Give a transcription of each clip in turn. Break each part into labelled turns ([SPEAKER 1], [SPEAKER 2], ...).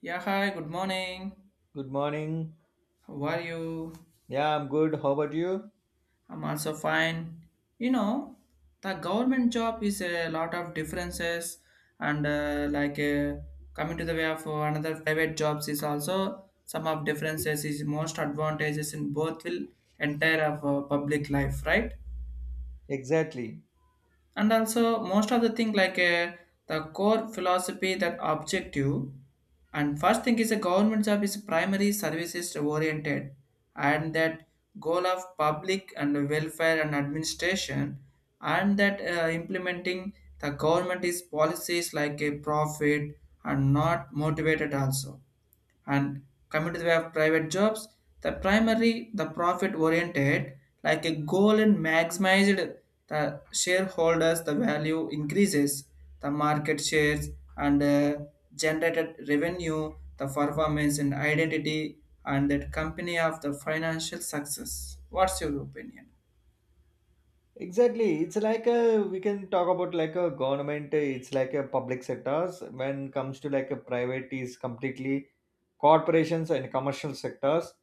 [SPEAKER 1] Yeah, hi, good morning.
[SPEAKER 2] Good morning.
[SPEAKER 1] How are you?
[SPEAKER 2] Yeah, I'm good. How about you?
[SPEAKER 1] I'm also fine. You know, the government job is a lot of differences, and coming to the way of another private jobs is also some of differences is most advantages in both will entire of public life, right?
[SPEAKER 2] Exactly.
[SPEAKER 1] And also most of the thing the core philosophy that objective, and first thing is a government job is primary services oriented, and that goal of public and welfare and administration, and that implementing the government is policies like a profit and not motivated also. And coming to the way of private jobs, the primary the profit oriented like a goal and maximized the shareholders the value increases the market shares and generated revenue the performance and identity and that company of the financial success. What's your opinion?
[SPEAKER 2] Exactly. It's like a we can talk about like a government. It's like a public sectors. When comes to like a private is completely corporations and commercial sectors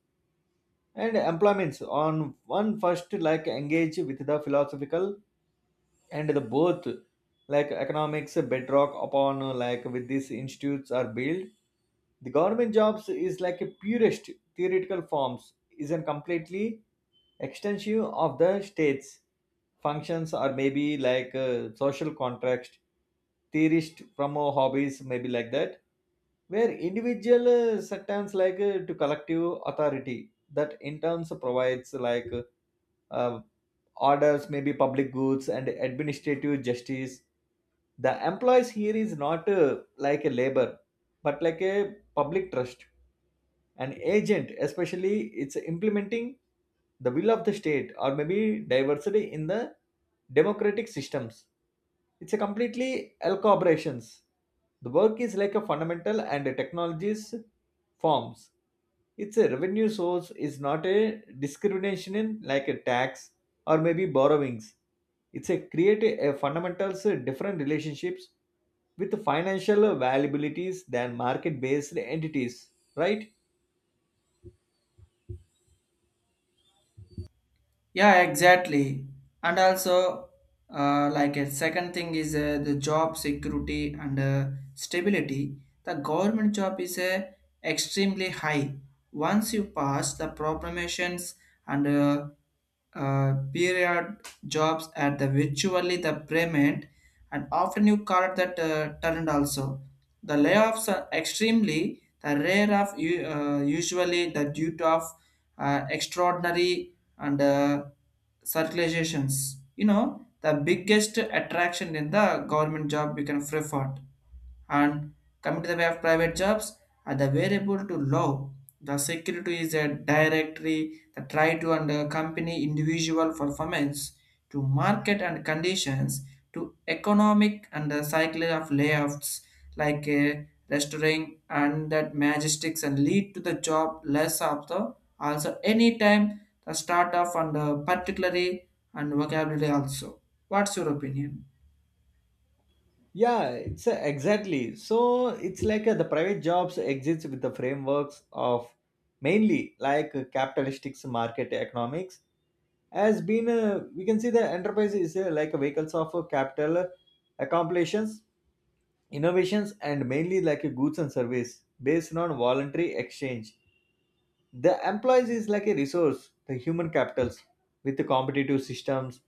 [SPEAKER 2] and employments on one first like engage with the philosophical and the both like economics bedrock upon like with these institutes are built the government jobs is like a purest theoretical forms is a completely extensive of the states functions or maybe like social contract theorist from our hobbies maybe like that where individual sectors like to collective authority that in turns provides like a orders maybe public goods and administrative justice the employees here is not like a labor but like a public trust an agent especially it's implementing the will of the state or maybe diversity in the democratic systems it's a completely all corporations the work is like a fundamental and technologies forms it's a revenue source, it's not a discrimination in like a tax or maybe borrowings. It's a create a fundamentals different relationships with financial valuabilities than market-based entities, right?
[SPEAKER 1] Yeah, exactly. And also, like a second thing is the job security and stability. The government job is extremely high. Once you pass the proclamations and period jobs at the virtually the payment, and often you call it that talent also. The layoffs are extremely the rare of usually the due to of extraordinary and circulations. You know, the biggest attraction in the government job you can prefer. And coming to the way of private jobs are the variable to law, the security is a directory that try to under company individual performance, to market and conditions, to economic and the cycle of layoffs like a restoring, and that majestics and lead to the job less of the also anytime the start of, and particularly and vocabulary also. What's your opinion?
[SPEAKER 2] Yeah, it's exactly. So it's like the private jobs exist with the frameworks of mainly like capitalistic market economics has been we can see the enterprise is like a vehicles of capital accomplishments innovations and mainly like a goods and service based on voluntary exchange. The employees is like a resource, the human capitals with the competitive systems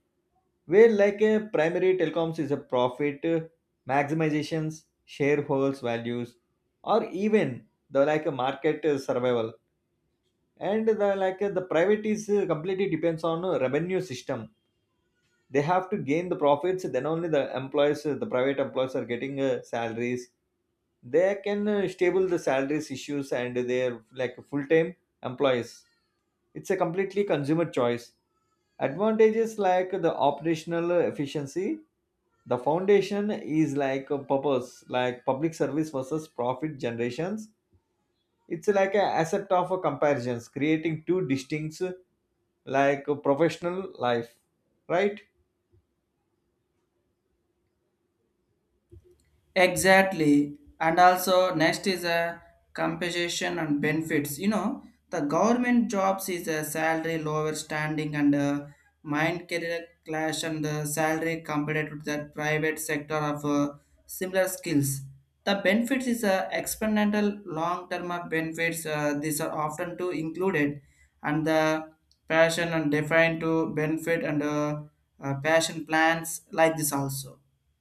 [SPEAKER 2] where like a primary telecoms is a profit maximizations, shareholders values, or even the like a market survival. And the like the private is completely depends on revenue system they have to gain the profits then only the employees the private employees are getting salaries they can stable the salaries issues and they're like full-time employees it's a completely consumer choice advantages like the operational efficiency the foundation is like a purpose like public service versus profit generations it's like a asset of a comparisons creating two distinct like a professional life, right?
[SPEAKER 1] Exactly. And also next is a compensation and benefits. You know, the government jobs is a salary lower standing and a mind career clash and the salary compared to the private sector of similar skills. The benefits is a experimental long term of benefits. These are often to included, and the passion and defined to benefit and passion plans like this also,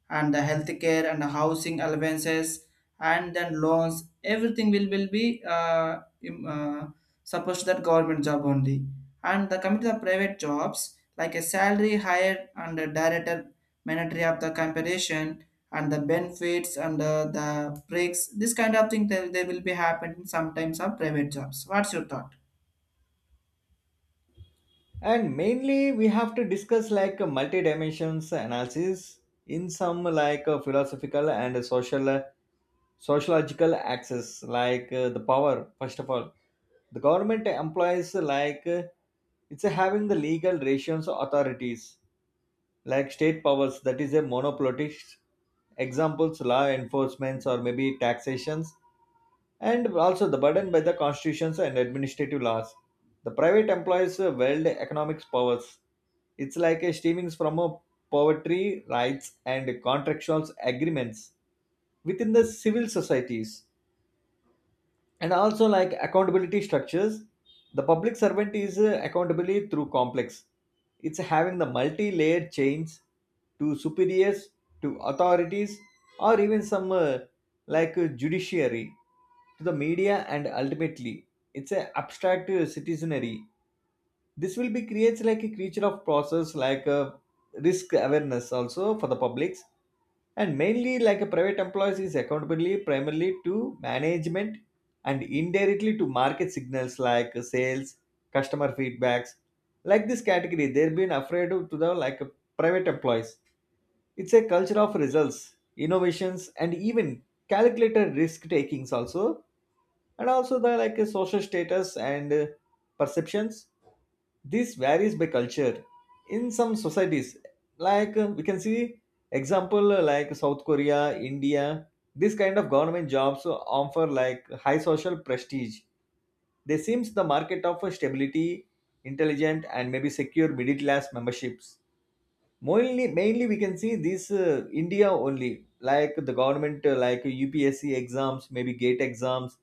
[SPEAKER 1] and the healthcare and the housing allowances, and then loans everything will be supposed that government job only. And the coming to the private jobs like a salary higher and the director mandatory of the comparison, and the benefits and the breaks, this kind of thing there, they will be happening sometimes of private jobs. What's your thought?
[SPEAKER 2] And mainly we have to discuss like a multi-dimensions analysis in some like a philosophical and social sociological axis like the power first of all the government employs like it's having the legal ratios authorities like state powers that is a monopolist examples law enforcements or maybe taxations and also the burden by the constitutions and administrative laws. The private employees wield economic powers. It's like a streamings from a poverty rights and contractual agreements within the civil societies and also like accountability structures the public servant is accountability through complex it's having the multi-layered chains to superiors to authorities or even some like judiciary to the media and ultimately it's a abstract citizenry this will be creates like a creature of process like a risk awareness also for the publics and mainly like a private employees is accountability primarily to management and indirectly to market signals like sales customer feedbacks like this category they've been afraid of to the like a private employees it's a culture of results innovations and even calculated risk takings also and also the like a social status and perceptions this varies by culture. In some societies, like we can see example like South Korea, India, this kind of government jobs offer like high social prestige. They seems the market of stability, intelligent, and maybe secure middle class memberships. Mainly we can see this India only, like the government, like UPSC exams, maybe GATE exams,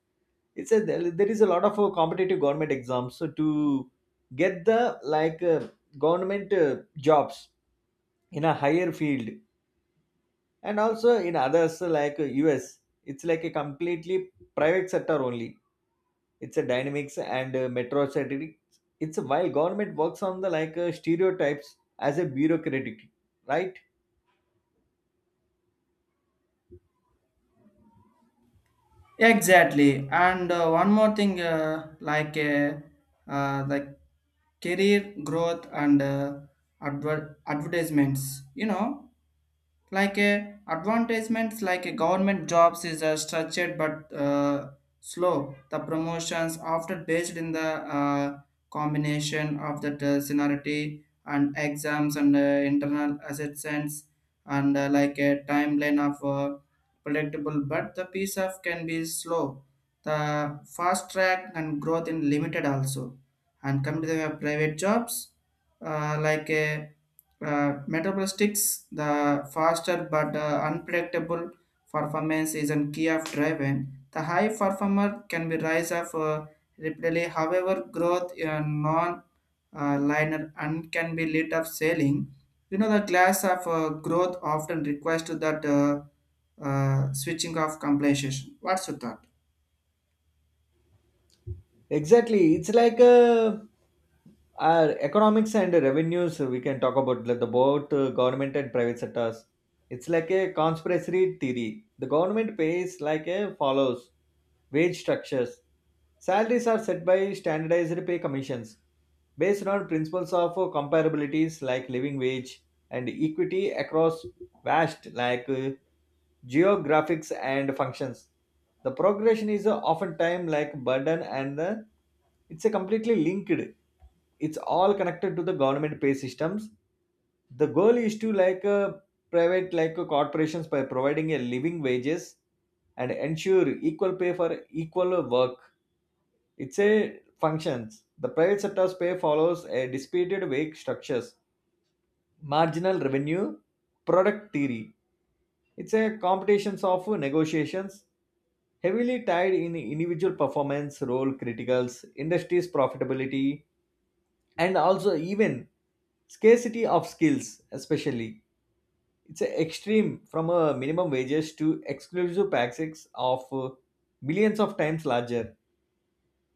[SPEAKER 2] it's a there is a lot of competitive government exams so to get the like government jobs in a higher field and also in others like us it's like a completely private sector only it's a dynamics and metro strategy. It's while government works on the like stereotypes as a bureaucratic, right?
[SPEAKER 1] Exactly. And one more thing, the career growth and advertisements, you know, like a advertisements like a government jobs is structured but slow, the promotions often based in the combination of the seniority and exams and internal assessments, and like a timeline of predictable, but the piece of can be slow, the fast track and growth in limited also. And come to the private jobs, like a metabolistics, the faster but unpredictable. Performance is a key of driving. The high performer can be rise of rapidly, however, growth non liner and can be lead of selling. You know, the class of growth often requires to that switching of compensation. What's your thought?
[SPEAKER 2] Exactly. It's like a our economics and revenues, we can talk about like the both government and private sectors. It's like a conspiracy theory. The government pays like a follows wage structures. Salaries are set by standardized pay commissions based on principles of comparabilities like living wage and equity across vast like geographics and functions. The progression is often time like burden and it's a completely linked. It's all connected to the government pay systems. The goal is to like private like corporations by providing a living wages and ensure equal pay for equal work. It's a functions. The private sector's pay follows a disputed wage structures marginal revenue product theory. It's a competitions of negotiations heavily tied in individual performance, role criticals, industry's profitability, and also even scarcity of skills, especially. It's a extreme from a minimum wages to exclusive packages of millions of times larger.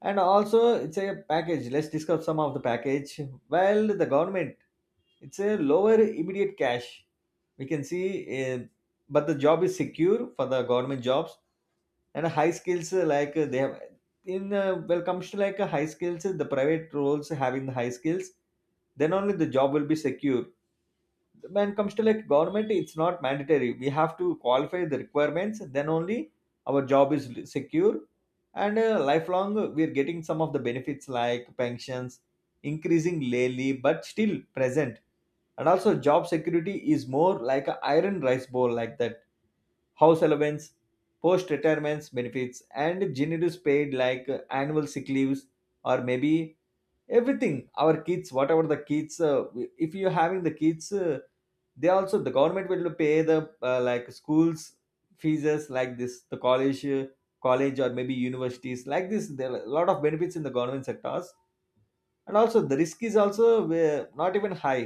[SPEAKER 2] And also, it's a package. Let's discuss some of the package. While the government it's a lower immediate cash we can see, uh, but the job is secure for the government jobs and high skills like they have in well comes to like high skills the private roles having the high skills then only the job will be secure when it comes to like government it's not mandatory we have to qualify the requirements then only our job is secure and lifelong we're getting some of the benefits like pensions increasing lately but still present and also job security is more like a iron rice bowl like that house allowance post retirements benefits and generous paid like annual sick leaves or maybe everything our kids whatever the kids if you're having the kids they also the government will pay the like schools fees like this the college or maybe universities like this there are a lot of benefits in the government sectors and also the risk is also not even high.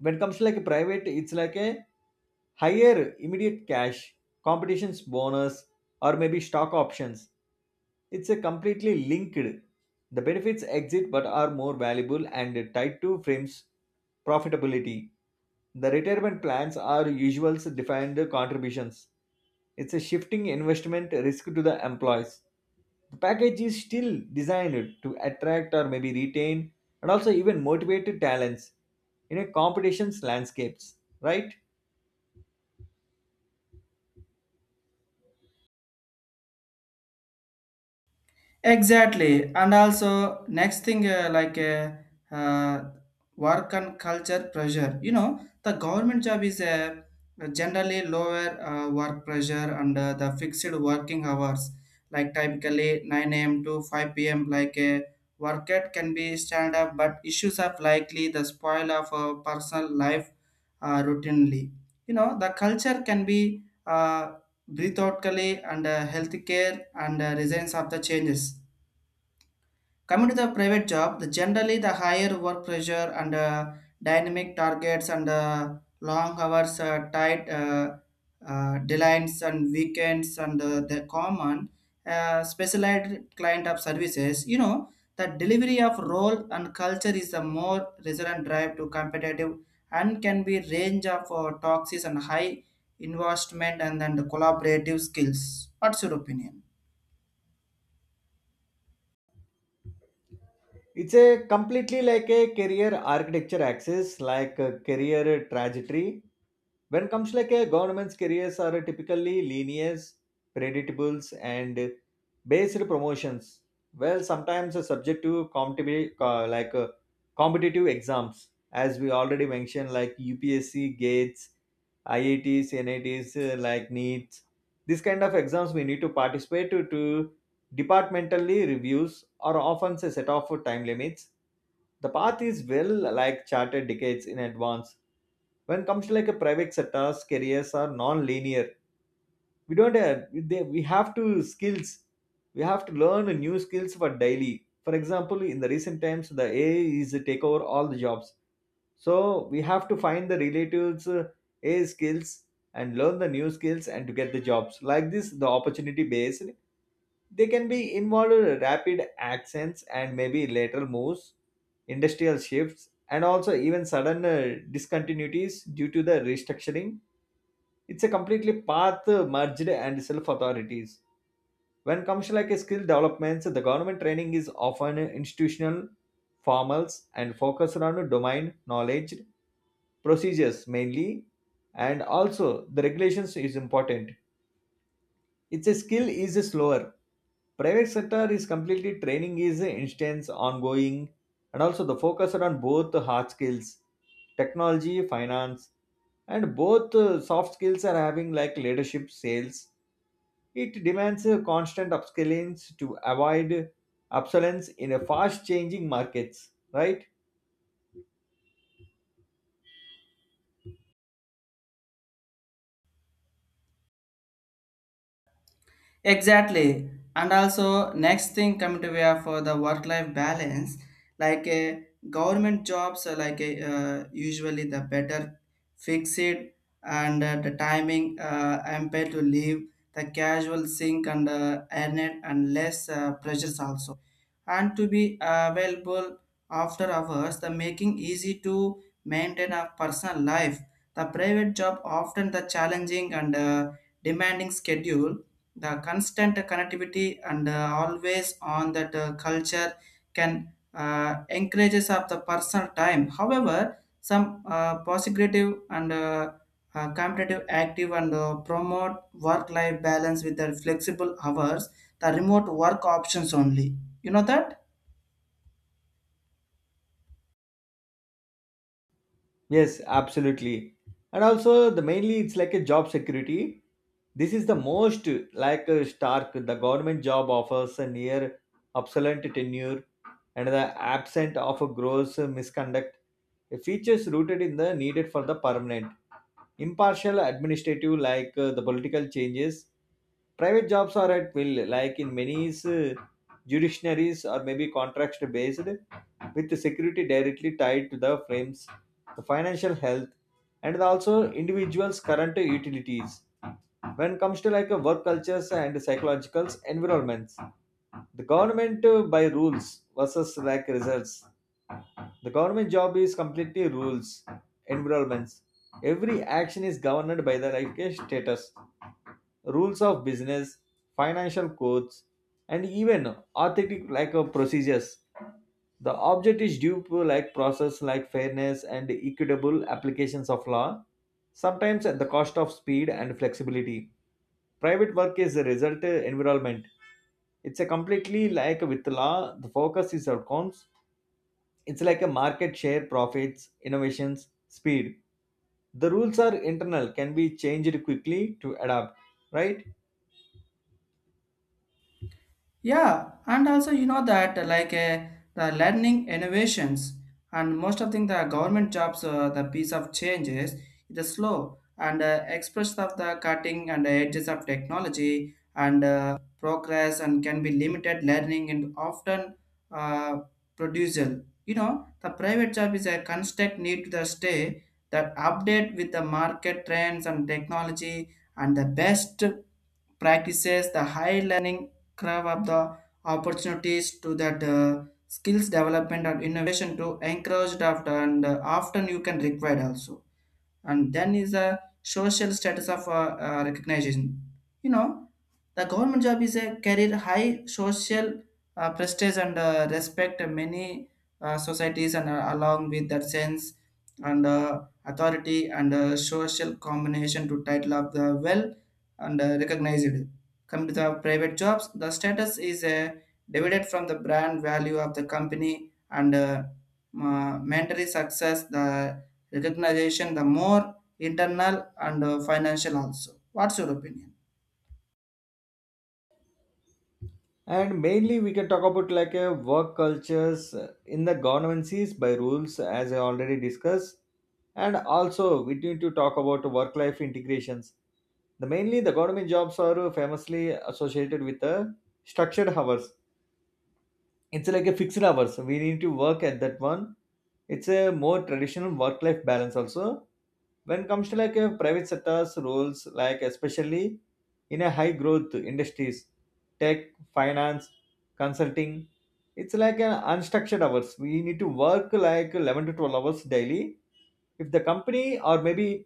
[SPEAKER 2] When it comes to like a private it's like a higher immediate cash, competitions bonus, or maybe stock options. It's a completely linked. The benefits exit but are more valuable and tied to firm's profitability. The retirement plans are usual defined contributions. It's a shifting investment risk to the employees. The package is still designed to attract or maybe retain and also even motivate talents in a competition's landscapes, right?
[SPEAKER 1] Exactly, and also next thing uh, work and culture pressure. You know, the government job is a generally lower work pressure and the fixed working hours, like typically 9 a.m. to 5 p.m. Like a workout can be stand up, but issues of likely the spoil of personal life routinely. You know, the culture can be breathe outly and healthcare and resilience of the changes. Coming to the private job, the generally the higher work pressure and dynamic targets and long hours, tight deadlines and weekends and the common specialized client of services. You know, the delivery of role and culture is the more resilient drive to competitive and can be range of toxins and high investment and then the collaborative skills. What's your opinion?
[SPEAKER 2] It's a completely like a career architecture axis like a career trajectory when it comes like a government's careers are typically linear predictables and based promotions well sometimes are subject to competitive like competitive exams as we already mentioned like UPSC GATEs IITs NITs like NEETs. This kind of exams we need to participate to departmentally reviews are often a set of time limits the path is well like charted decades in advance when it comes to like a private sectors careers are non-linear we don't have, they, we have to skills we have to learn new skills for daily for example in the recent times the AI is take over all the jobs so we have to find the relatives AI skills and learn the new skills and to get the jobs like this the opportunity based they can be involved in rapid accents and maybe lateral moves industrial shifts and also even sudden discontinuities due to the restructuring it's a completely path merged and self authorities. When comes like a skill developments, the government training is often institutional, formal, and focused on domain knowledge, procedures mainly, and also the regulations is important. It's a skill is slower. Private sector is completely training is instance ongoing, and also the focus on both hard skills, technology, finance, and both soft skills are having like leadership, sales. It demands constant upskilling to avoid obsolescence in a fast changing markets, right?
[SPEAKER 1] Exactly. And also, next thing coming to we have for the work-life balance, like a government jobs are like a, usually the better fixed and the timing empire to leave, the casual sync and earn it and less pressures also. And to be available after hours, the making easy to maintain a personal life. The private job often the challenging and demanding schedule, the constant connectivity and always on that culture can encourages of the personal time, however some positive and competitive active and promote work life balance with the flexible hours, the remote work options only, you know that.
[SPEAKER 2] Yes, absolutely. And also the mainly it's like a job security. This is the most like a stark the government job offers a near obsolete tenure and the absent of a gross misconduct. A features rooted in the needed for the permanent impartial administrative like the political changes private jobs are at will like in many judiciaries or maybe contract based with the security directly tied to the frames the financial health and also individuals current utilities when it comes to like a work cultures and psychological environments the government by rules versus like results the government job is completely rules, environments. Every action is governed by the like a status, rules of business, financial codes, and even authentic like procedures. The object is due to like process like fairness and equitable applications of law, sometimes at the cost of speed and flexibility. Private work is a result environment. It's a completely like with law, the focus is outcomes. It's like a market share profits innovations speed. The rules are internal, can be changed quickly to adapt, right.
[SPEAKER 1] Yeah, and also you know that the learning innovations. And most of thing the government jobs, the piece of changes, it is slow and express of the cutting and edges of technology and progress and can be limited learning and often uh, producial. You know, the private job is a constant need to the stay that update with the market trends and technology and the best practices, the high learning curve of the opportunities to that skills development and innovation to encouraged after, and often you can require also. And then is a social status of recognition, you know, the government job is a career high social prestige and respect in many societies and along with that sense and authority and social combination to title of the well and recognized. Come to the private jobs, the status is divided from the brand value of the company and mandatory success, the recognition, the more internal and financial also. What's your opinion?
[SPEAKER 2] And mainly we can talk about like a work cultures in the governances by rules as I already discussed. And also we need to talk about work life integrations. The mainly the government jobs are famously associated with the structured hours. It's like a fixed hours we need to work at that one. It's a more traditional work life balance also. When it comes to like a private sector's roles, like especially in a high growth industries, tech, finance, consulting, it's like an unstructured hours we need to work like 11 to 12 hours daily. If the company or maybe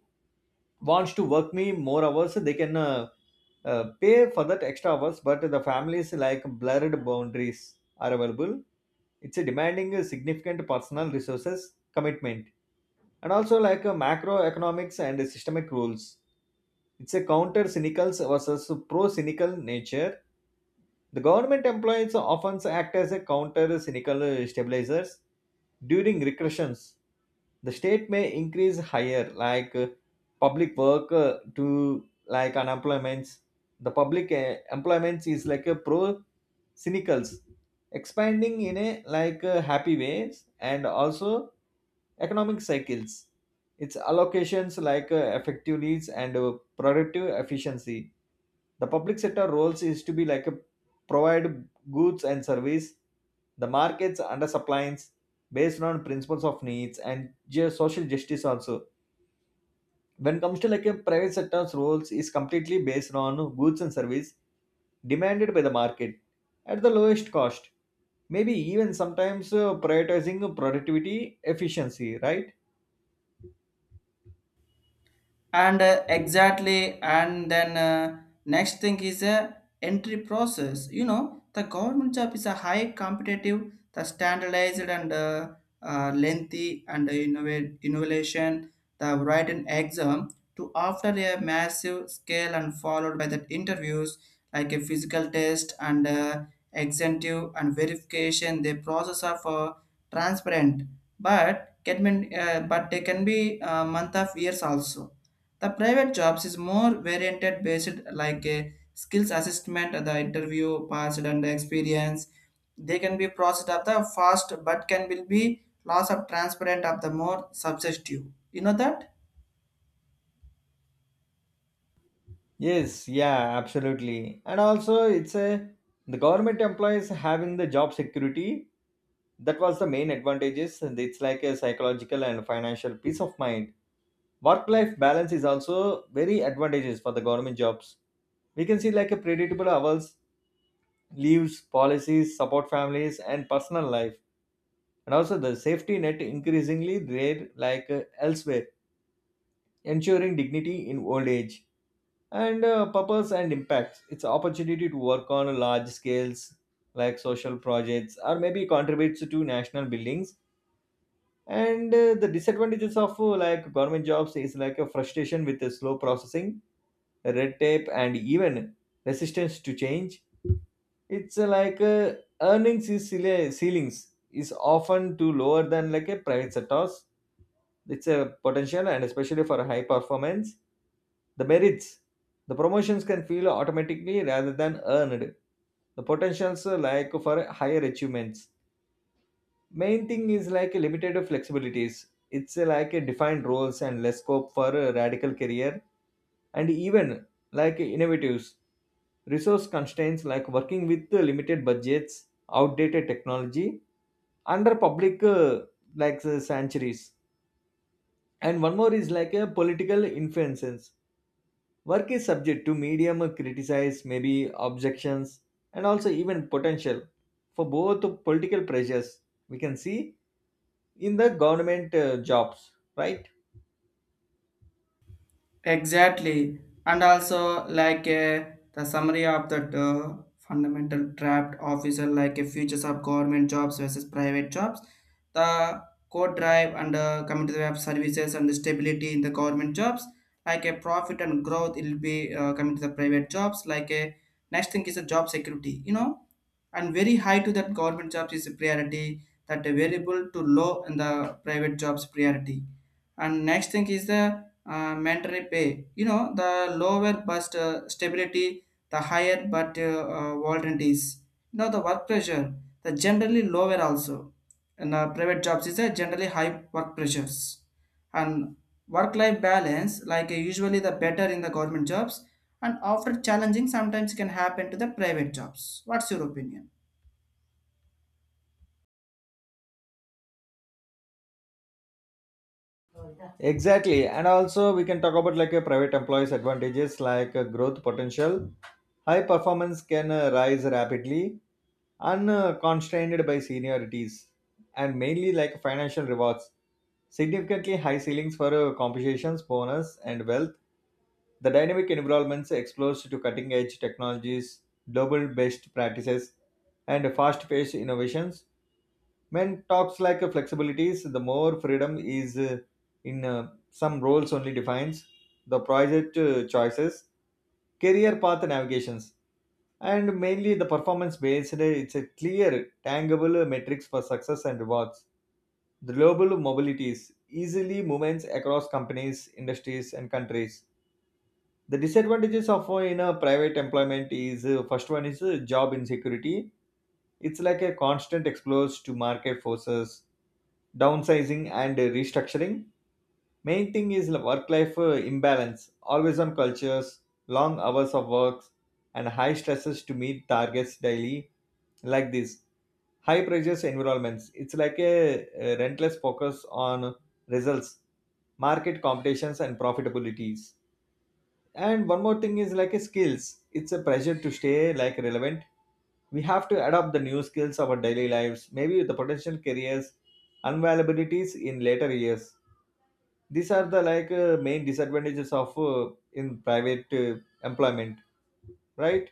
[SPEAKER 2] wants to work me more hours they can, pay for that extra hours, but the families like blurred boundaries are available. It's a demanding significant personal resources commitment. And also like a macroeconomics and systemic rules. It's a counter cynical versus pro cynical nature. The government employees often act as a counter cynical stabilizers during recessions. The state may increase higher like public work to like unemployments. The public employment is like a pro cynicals expanding in a like happy ways and also economic cycles. Its allocations like effective and productive efficiency. The public sector roles is to be like a provide goods and service, the markets under supplies based on principles of needs and social justice also. When it comes to like a private sector's roles is completely based on goods and service demanded by the market at the lowest cost. Maybe even sometimes prioritizing productivity efficiency, right?
[SPEAKER 1] And exactly, and then next thing is a entry process. You know, the government job is a high competitive, the standardized and lengthy and innovation, the written exam to after a massive scale and followed by the interviews, like a physical test and executive and verification, the process of transparent but can be, but they can be month of years also. The private jobs is more varianted based like a skills assessment, the interview, past and experience. They can be processed of the fast but can will be loss of transparent of the more subjective. You know that?
[SPEAKER 2] Yes, yeah, absolutely. And also, it's a the government employees having the job security. That was the main advantages, and it's like a psychological and financial peace of mind. Work-life balance is also very advantageous for the government jobs. We can see like a predictable hours, leaves, policies, support families, and personal life, and also the safety net increasingly rare like elsewhere, ensuring dignity in old age. And purpose and impacts, it's an opportunity to work on large scales like social projects or maybe contributes to national buildings. And the disadvantages of like government jobs is like a frustration with the slow processing, red tape, and even resistance to change. It's earnings is ceilings is often too lower than like a private sectors. It's a potential and especially for high performance. The merits, the promotions can feel automatically rather than earned. The potentials are like for higher achievements. Main thing is like limited flexibilities. It's like a defined roles and less scope for a radical career and even like innovatives. Resource constraints like working with limited budgets, outdated technology, under public sanctuaries, and one more is like a political influences. Work is subject to medium criticize, maybe objections, and also even potential for both political pressures we can see in the government jobs, right?
[SPEAKER 1] Exactly, and also the summary of that fundamental draft officer, like futures of government jobs versus private jobs, the code drive and community web services and the stability in the government jobs, like a profit and growth, it will be coming to the private jobs. Like a next thing is a job security, you know, and very high to that government jobs is a priority, that the variable to low in the private jobs priority. And next thing is the mandatory pay. You know, the lower but stability, the higher but volunteers. You know, the work pressure, the generally lower also. And private jobs is a generally high work pressures. And work-life balance, usually the better in the government jobs, and after challenging sometimes can happen to the private jobs. What's your opinion?
[SPEAKER 2] Exactly, and also we can talk about like a private employees' advantages like growth potential. High performance can rise rapidly, unconstrained by seniorities, and mainly like financial rewards. Significantly high ceilings for compensations, bonus, and wealth. The dynamic environments exposed to cutting edge technologies, global best practices, and fast paced innovations. When talks like flexibilities, the more freedom is in some roles only defines the project choices, career path navigations, and mainly the performance based. It's a clear, tangible metrics for success and rewards. The global mobilities, easily movements across companies, industries, and countries. The disadvantages of in a private employment is, first one is job insecurity. It's like a constant exposure to market forces, downsizing, and restructuring. Main thing is work life imbalance, always on cultures, long hours of work, and high stresses to meet targets daily. Like this high pressures environments, it's like a relentless focus on results, market competitions, and profitabilities. And one more thing is like a skills. It's a pressure to stay like relevant. We have to adopt the new skills of our daily lives, maybe the potential careers, unavailabilities in later years. These are the like main disadvantages of in private employment, right?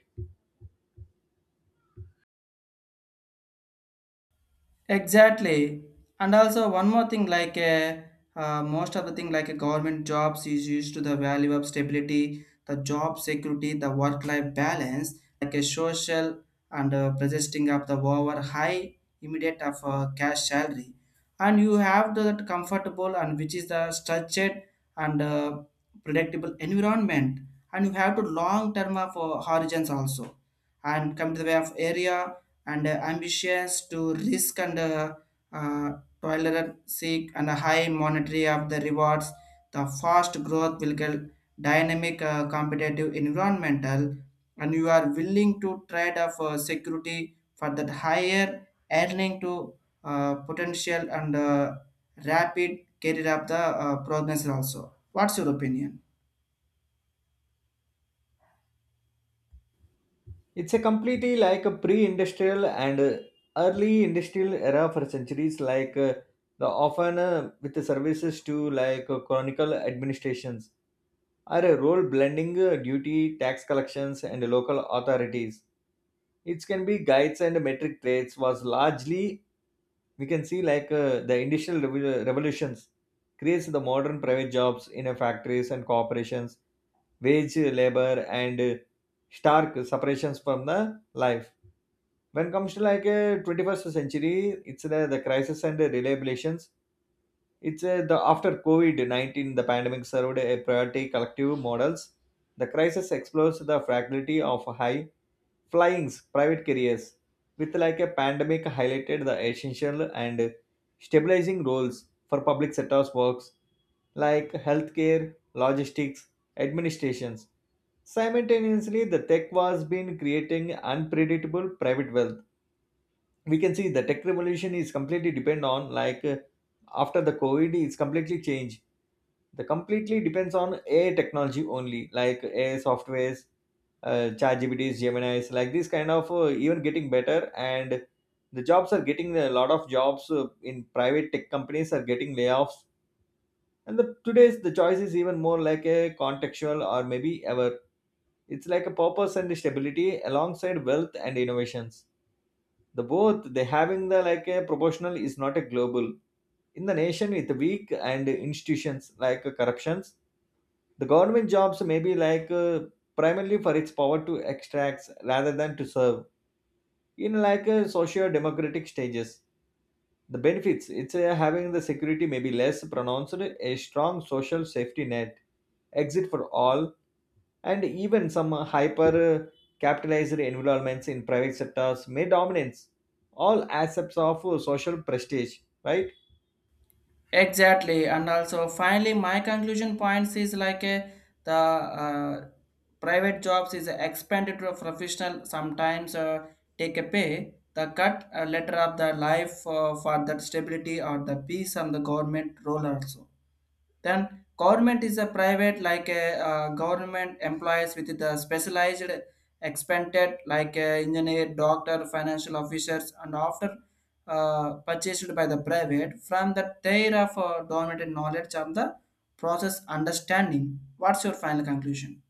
[SPEAKER 1] Exactly. And also one more thing most of the thing like a government jobs is used to the value of stability, the job security, the work-life balance, like a social and persisting of the over high immediate of cash salary. And you have the that comfortable and which is the structured and predictable environment. And you have to long term of horizons also. And come to the way of area and ambitious to risk and uh, tolerant seek and a high monetary of the rewards, the fast growth will get dynamic competitive environmental, and you are willing to trade off security for that higher earning to potential and rapid career of the progress also. What's your opinion?
[SPEAKER 2] It's a completely like a pre-industrial and early industrial era for centuries, like the often with the services to like chronicle administrations are a role blending duty, tax collections, and local authorities. It can be guides and metric traits was largely. We can see like the industrial revolutions creates the modern private jobs in factories and corporations, wage labor and stark separations from the life. When comes to like a 21st century, it's the crisis and the reliabilizations. It's a, the after COVID-19, the pandemic served a priority collective models. The crisis explores the fragility of high flying private careers, with like a pandemic highlighted the essential and stabilizing roles for public sectors works like healthcare, logistics, administrations. Simultaneously, the tech was been creating unpredictable private wealth. We can see the tech revolution is completely depend on like after the covid it's completely changed. The completely depends on ai technology only, like ai softwares, chat gpts, gemini's, like this kind of even getting better. And the jobs are getting, a lot of jobs in private tech companies are getting layoffs. And the today's the choice is even more like a contextual or maybe ever. It's like a purpose and stability alongside wealth and innovations. The both they having the like a proportional is not a global. In the nation with weak and institutions like corruptions, the government jobs may be like primarily for its power to extract rather than to serve. In like a socio democratic stages, the benefits, it's having the security may be less pronounced. A strong social safety net exit for all. And even some hyper capitalized environments in private sectors may dominance all aspects of social prestige, right?
[SPEAKER 1] Exactly, and also finally, my conclusion points is like a, the private jobs is expanded to a professional. Sometimes take a pay the cut letter of the life for that stability or the peace on the government role also. Then government is a private like a government employees with the specialized expanded like a engineer, doctor, financial officers, and after purchased by the private from the their of dominant knowledge of the process understanding. What's your final conclusion?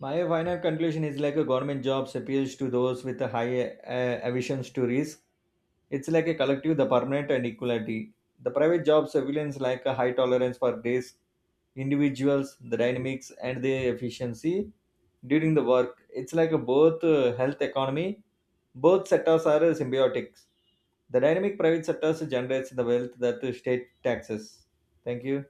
[SPEAKER 2] My final conclusion is like a government jobs appeals to those with a high aversions to risk. It's like a collective, the permanent and equality. The private jobs surveillance like a high tolerance for risk, individuals, the dynamics and the efficiency during the work. It's like a both health economy, both sectors are symbiotics. The dynamic private sectors generates the wealth that the state taxes. Thank you.